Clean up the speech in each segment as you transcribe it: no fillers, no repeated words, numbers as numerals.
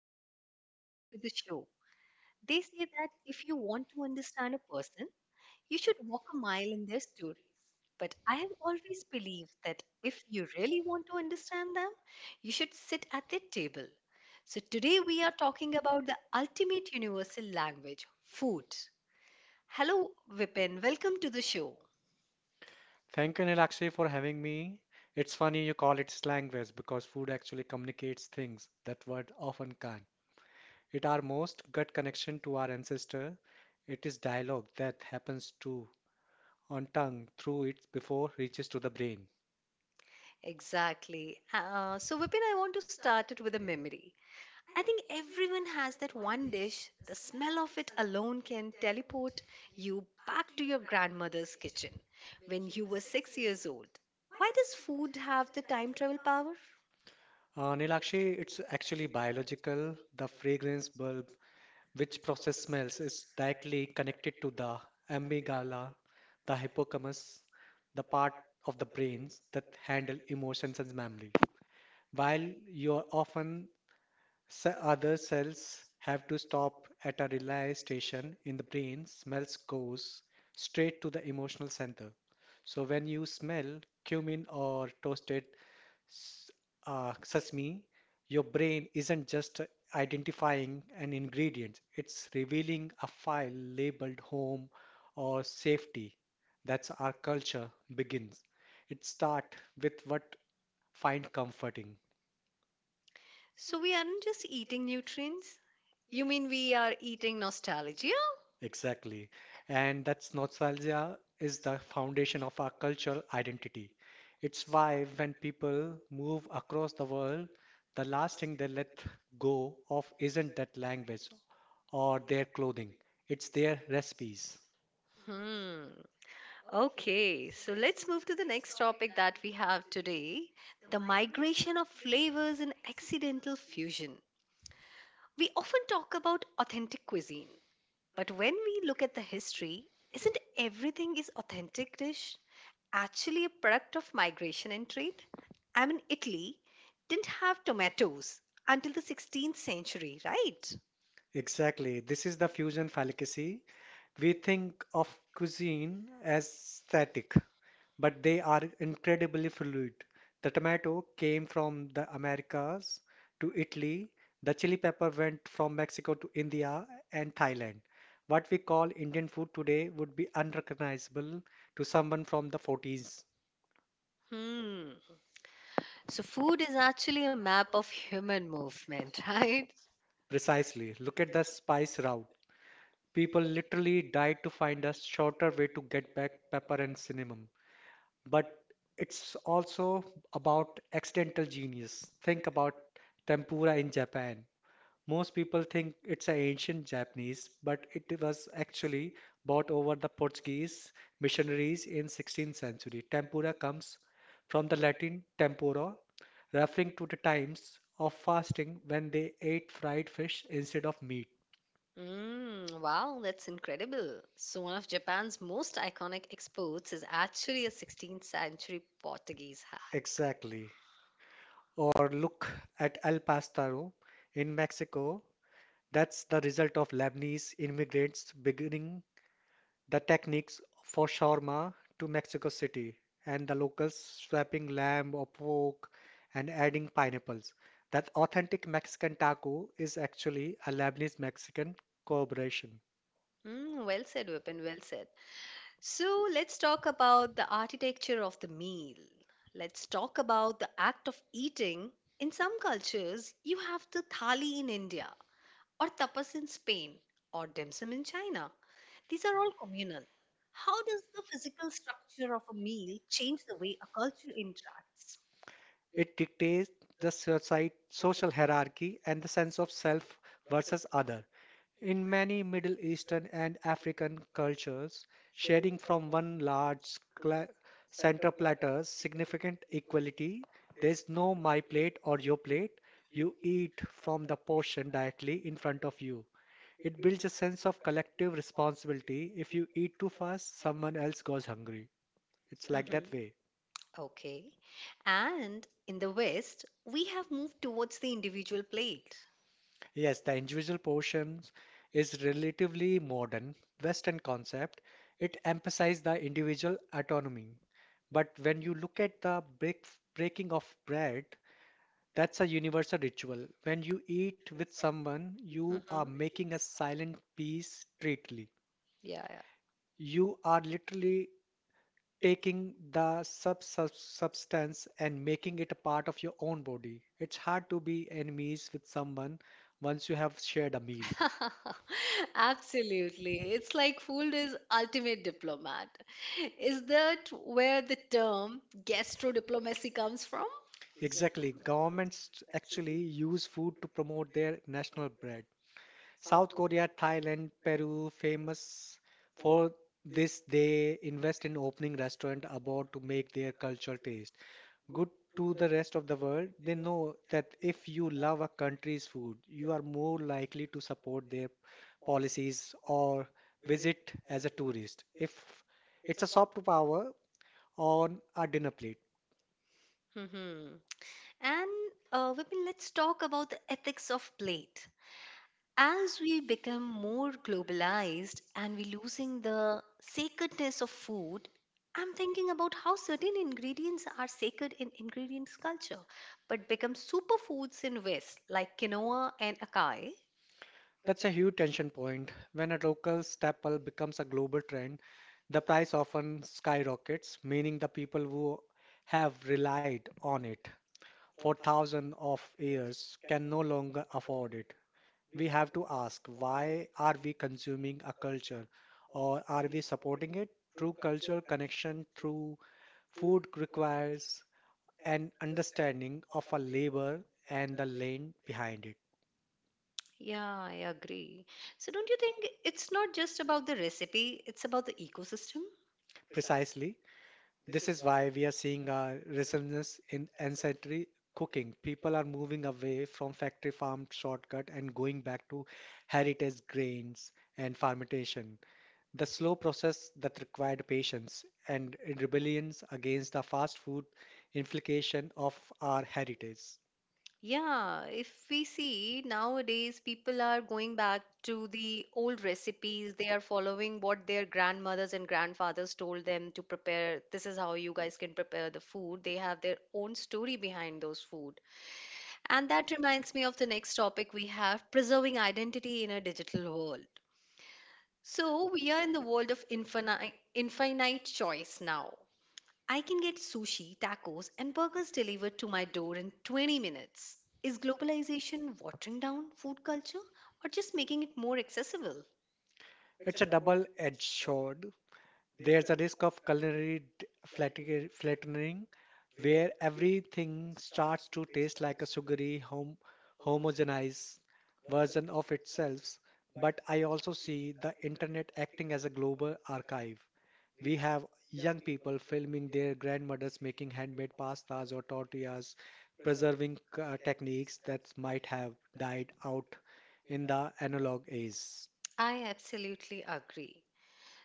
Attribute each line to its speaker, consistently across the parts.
Speaker 1: guys. Welcome back to the show. They say that if you want to understand a person, you should walk a mile in their stories. But I have always believed that if you really want to understand them, you should sit at their table. So today we are talking about the ultimate universal language food. Hello, Vipin. Welcome to the show.
Speaker 2: Thank you, Nilakshi, for having me. It's funny you call it language because food actually communicates things that words often can't. It our most gut connection to our ancestor. It is dialogue that happens to on tongue through it before reaches to the brain.
Speaker 1: Exactly. So, Vipin, I want to start it with a memory. I think everyone has that one dish, the smell of it alone can teleport you back to your grandmother's kitchen when you were 6 years old. Why does food have the time travel power?
Speaker 2: Nilakshi, it's actually biological. The fragrance bulb, which process smells, is directly connected to the amygdala, the hippocampus, the part of the brains that handle emotions and memory. While your often other cells have to stop at a relay station in the brain, smells goes straight to the emotional center. So when you smell cumin or toasted s- sesame, your brain isn't just identifying an ingredient, it's revealing a file labeled home or safety. That's our culture begins. It starts with what find comforting.
Speaker 1: So, we aren't just eating nutrients. You mean we are eating nostalgia?
Speaker 2: Exactly. And that's nostalgia is the foundation of our cultural identity. It's why when people move across the world, the last thing they let go of isn't that language or their clothing, it's their recipes.
Speaker 1: Hmm. Okay, so let's move to the next topic that we have today, the migration of flavors and accidental fusion. We often talk about authentic cuisine, but when we look at the history, isn't everything is authentic dish actually a product of migration and trade? I mean, Italy didn't have tomatoes until the 16th century, right?
Speaker 2: Exactly. This is the fusion fallacy. We think of cuisine as static, but they are incredibly fluid. The tomato came from the Americas to Italy, the chili pepper went from Mexico to India and Thailand. What we call Indian food today would be unrecognizable to someone from the 40s.
Speaker 1: Hmm. So food is actually a map of human movement, right?
Speaker 2: Precisely. Look at the spice route. People literally died to find a shorter way to get back pepper and cinnamon. But it's also about accidental genius. Think about tempura in Japan. Most people think it's an ancient Japanese, but it was actually brought over the Portuguese missionaries in 16th century. Tempura comes from the Latin tempora, referring to the times of fasting when they ate fried fish instead of meat.
Speaker 1: Mm, wow, that's incredible. So, one of Japan's most iconic exports is actually a 16th century Portuguese hack.
Speaker 2: Exactly. Or look at El Pastor in Mexico. That's the result of Lebanese immigrants beginning the techniques for shawarma to Mexico City and the locals swapping lamb or pork and adding pineapples. That authentic Mexican taco is actually a Lebanese Mexican collaboration.
Speaker 1: Mm, well said, Vipin, well said. So let's talk about the architecture of the meal. Let's talk about the act of eating. In some cultures, you have the thali in India, or tapas in Spain, or dim sum in China. These are all communal. How does the physical structure of a meal change the way a culture interacts?
Speaker 2: It dictates the society, social hierarchy and the sense of self versus other. In many Middle Eastern and African cultures, sharing from one center platter significant equality. There's no my plate or your plate. You eat from the portion directly in front of you. It builds a sense of collective responsibility. If you eat too fast, someone else goes hungry. It's like
Speaker 1: Mhm.
Speaker 2: that way.
Speaker 1: Okay. And in the West, we have moved towards the individual plate.
Speaker 2: Yes, the individual portions is relatively modern Western concept. It emphasizes the individual autonomy. But when you look at the breaking of bread, that's a universal ritual. When you eat with someone, you are
Speaker 1: Mhm. Yeah,
Speaker 2: making a silent peace treaty.
Speaker 1: yeah.
Speaker 2: You are literally taking the substance and making it a part of your own body. It's hard to be enemies with someone once you have shared a meal.
Speaker 1: Absolutely. It's like food is ultimate diplomat. Is that where the term gastro diplomacy comes from?
Speaker 2: Exactly. Governments actually use food to promote their national bread. South Korea, Thailand, Peru, famous for this, they invest in opening restaurant abroad to make their culture taste good to the rest of the world. They know that if you love a country's food, you are more likely to support their policies or visit as a tourist. If it's a soft power on a dinner plate.
Speaker 1: Hmm. And Vipin, let's talk about the ethics of plate. As we become more globalized and we're losing the sacredness of food, I'm thinking about how certain ingredients are sacred in ingredients culture, but become superfoods in West, like quinoa and acai.
Speaker 2: That's a huge tension point. When a local staple becomes a global trend, the price often skyrockets, meaning the people who have relied on it for thousands of years can no longer afford it. We have to ask why are we consuming a culture or are we supporting it? True cultural connection through food requires an understanding of our labor and the land behind it.
Speaker 1: Yeah, I agree. So don't you think it's not just about the recipe, it's about the ecosystem?
Speaker 2: Precisely. This is why we are seeing a resurgence in ancillary cooking. People are moving away from factory farmed shortcut and going back to heritage grains and fermentation. The slow process that required patience and in rebellions against the fast food implication of our heritage.
Speaker 1: Yeah, if we see nowadays people are going back to the old recipes, they are following what their grandmothers and grandfathers told them to prepare. This is how you guys can prepare the food. They have their own story behind those food. And that reminds me of the next topic we have, preserving identity in a digital world. So we are in the world of infinite choice now. I can get sushi, tacos, and burgers delivered to my door in 20 minutes. Is globalization watering down food culture or just making it more accessible?
Speaker 2: It's a double-edged sword. There's a risk of flattening, where everything starts to taste like a sugary, homogenized version of itself. But I also see the internet acting as a global archive. We have young people filming their grandmothers making handmade pastas or tortillas, preserving techniques that might have died out in the analog age.
Speaker 1: I absolutely agree.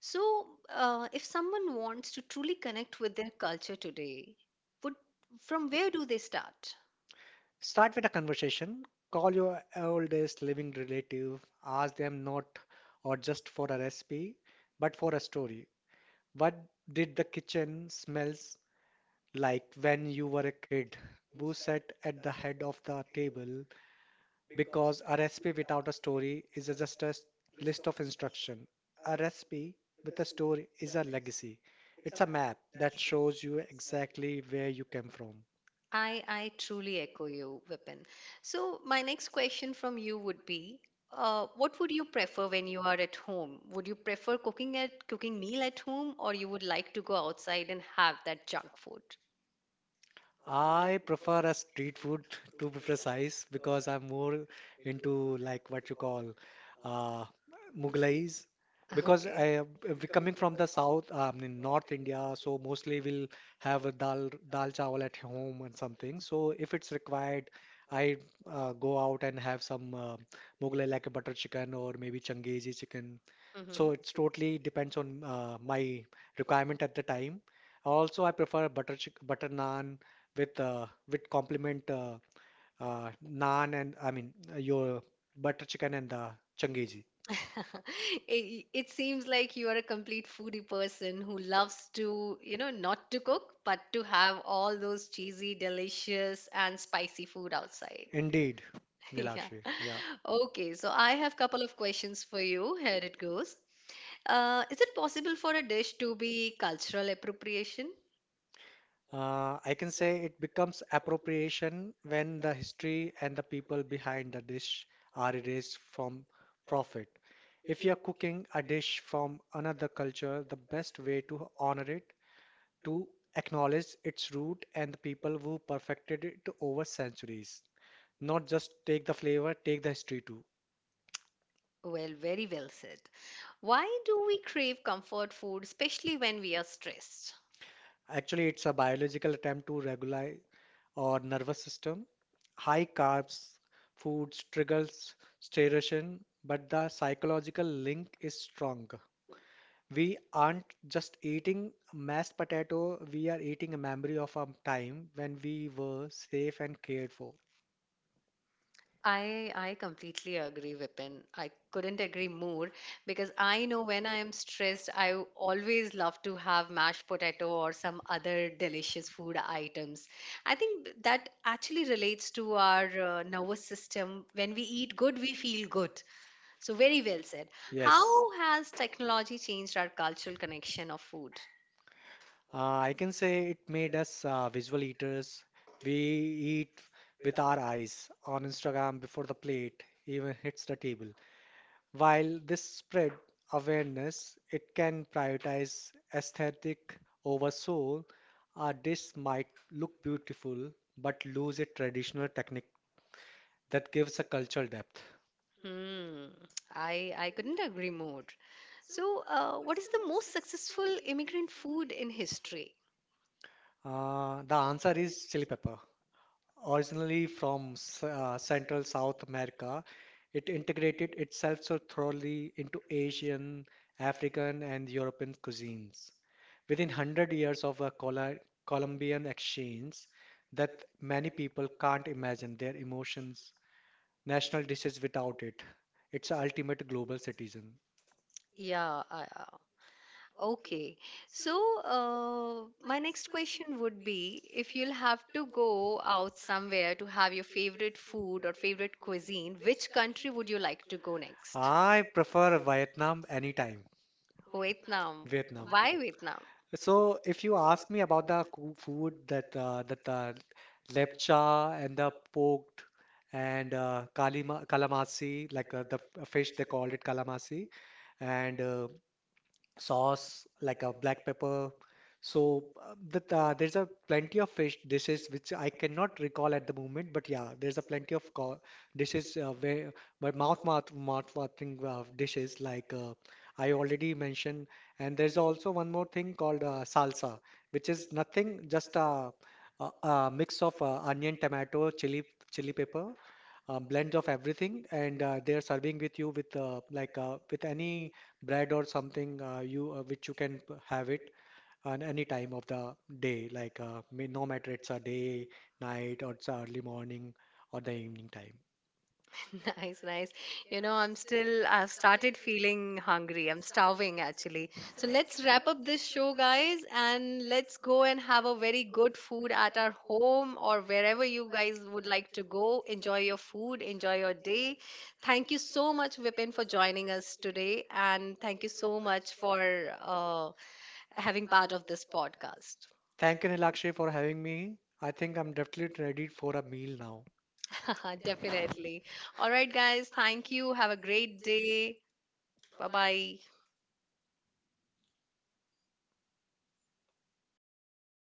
Speaker 1: So, if someone wants to truly connect with their culture today, would, from where do they start?
Speaker 2: Start with a conversation. Call your oldest living relative. Ask them not or just for a recipe, but for a story. What did the kitchen smells like when you were a kid? Who sat at the head of the table? Because a recipe without a story is just a list of instruction. A recipe with a story is a legacy. It's a map that shows you exactly where you came from.
Speaker 1: I truly echo you, Vipin. So my next question from you would be, what would you prefer when you are at home? Would you prefer cooking meal at home, or you would like to go outside and have that junk food?
Speaker 2: I prefer a street food to be precise because I'm more into like what you call uh, Mughlais. Because
Speaker 1: Okay.
Speaker 2: I am- we coming from the south, I mean North India, so mostly we'll have a dal chawal at home and something. So if it's required, I go out and have some Mughlai like a butter chicken or maybe Changezi chicken. So it's
Speaker 1: Hmm.
Speaker 2: totally depends on my requirement at the time. Also, I prefer butter naan with complement uh, naan and I mean your butter chicken and the changezi.
Speaker 1: It seems like you are a complete foodie person who loves to, you know, not to cook, but to have all those cheesy, delicious, and spicy food outside.
Speaker 2: Indeed,
Speaker 1: Yeah.
Speaker 2: Nilakshi.
Speaker 1: Okay, so I have couple of questions for you. Here it goes. Is it possible for a dish to be cultural appropriation?
Speaker 2: I can say it becomes appropriation when the history and the people behind the dish are erased from profit. If you're cooking a dish from another culture, the best way to honor it, to acknowledge its root and the people who perfected it over centuries. Not just take the flavor, take the history too.
Speaker 1: Well, very well said. Why do we crave comfort food, especially when we are stressed?
Speaker 2: Actually, it's a biological attempt to regulate our nervous system. High carbs foods triggers satiration, but the psychological link is strong. We aren't just eating mashed potato, we are eating a memory of a time when we were safe and cared for.
Speaker 1: I completely agree, Vipin. I couldn't agree more because I know when I am stressed, always love to have mashed potato or some other delicious food items. I think that actually relates to our nervous system. When we eat good, we feel good. So very well said.
Speaker 2: Yes.
Speaker 1: How has technology changed our cultural connection of food?
Speaker 2: I can say it made us visual eaters. We eat with our eyes on Instagram before the plate even hits the table. While this spread awareness, it can prioritize aesthetic over soul. A dish might look beautiful but lose its traditional technique that gives a cultural depth.
Speaker 1: Hmm. I couldn't agree more. So, what is the most successful immigrant food in history?
Speaker 2: The answer is chili pepper. Originally from Central South America, it integrated itself so thoroughly into Asian, African, and European cuisines. Within 100 years of a Colombian exchange, that many people can't imagine their emotions, national dishes without it. It's a ultimate global citizen.
Speaker 1: Yeah, okay. So, my next question would be if you'll have to go out somewhere to have your favorite food or favorite cuisine, which country would you like to go next?
Speaker 2: I prefer Vietnam anytime.
Speaker 1: Vietnam.
Speaker 2: Vietnam.
Speaker 1: Why Vietnam?
Speaker 2: So, if you ask me about the food that lepcha and the poked and kalima, calamari, like fish they called it calamari, and sauce like a black pepper. So that there's a plenty of fish dishes which I cannot recall at the moment, but yeah, there's a plenty of co dishes where but mouth watering dishes like I already mentioned, and there's also one more thing called salsa, which is nothing just a mix of onion, tomato, chili pepper, blend of everything, and they are serving with you with like with any bread or something you which you can have it on any time of the day, no matter it's a day, night, or it's early morning or the evening time.
Speaker 1: Nice, nice. You know, I've started feeling hungry. I'm starving actually. So let's wrap up this show, guys, and let's go and have a very good food at our home or wherever you guys would like to go. Enjoy your food, enjoy your day. Thank you so much, Vipin, for joining us today. And thank you so much for having part of this podcast.
Speaker 2: Thank you, Nilakshay, for having me. I think I'm definitely ready for a meal now.
Speaker 1: Definitely. All right, guys, thank you. Have a great day. Bye bye.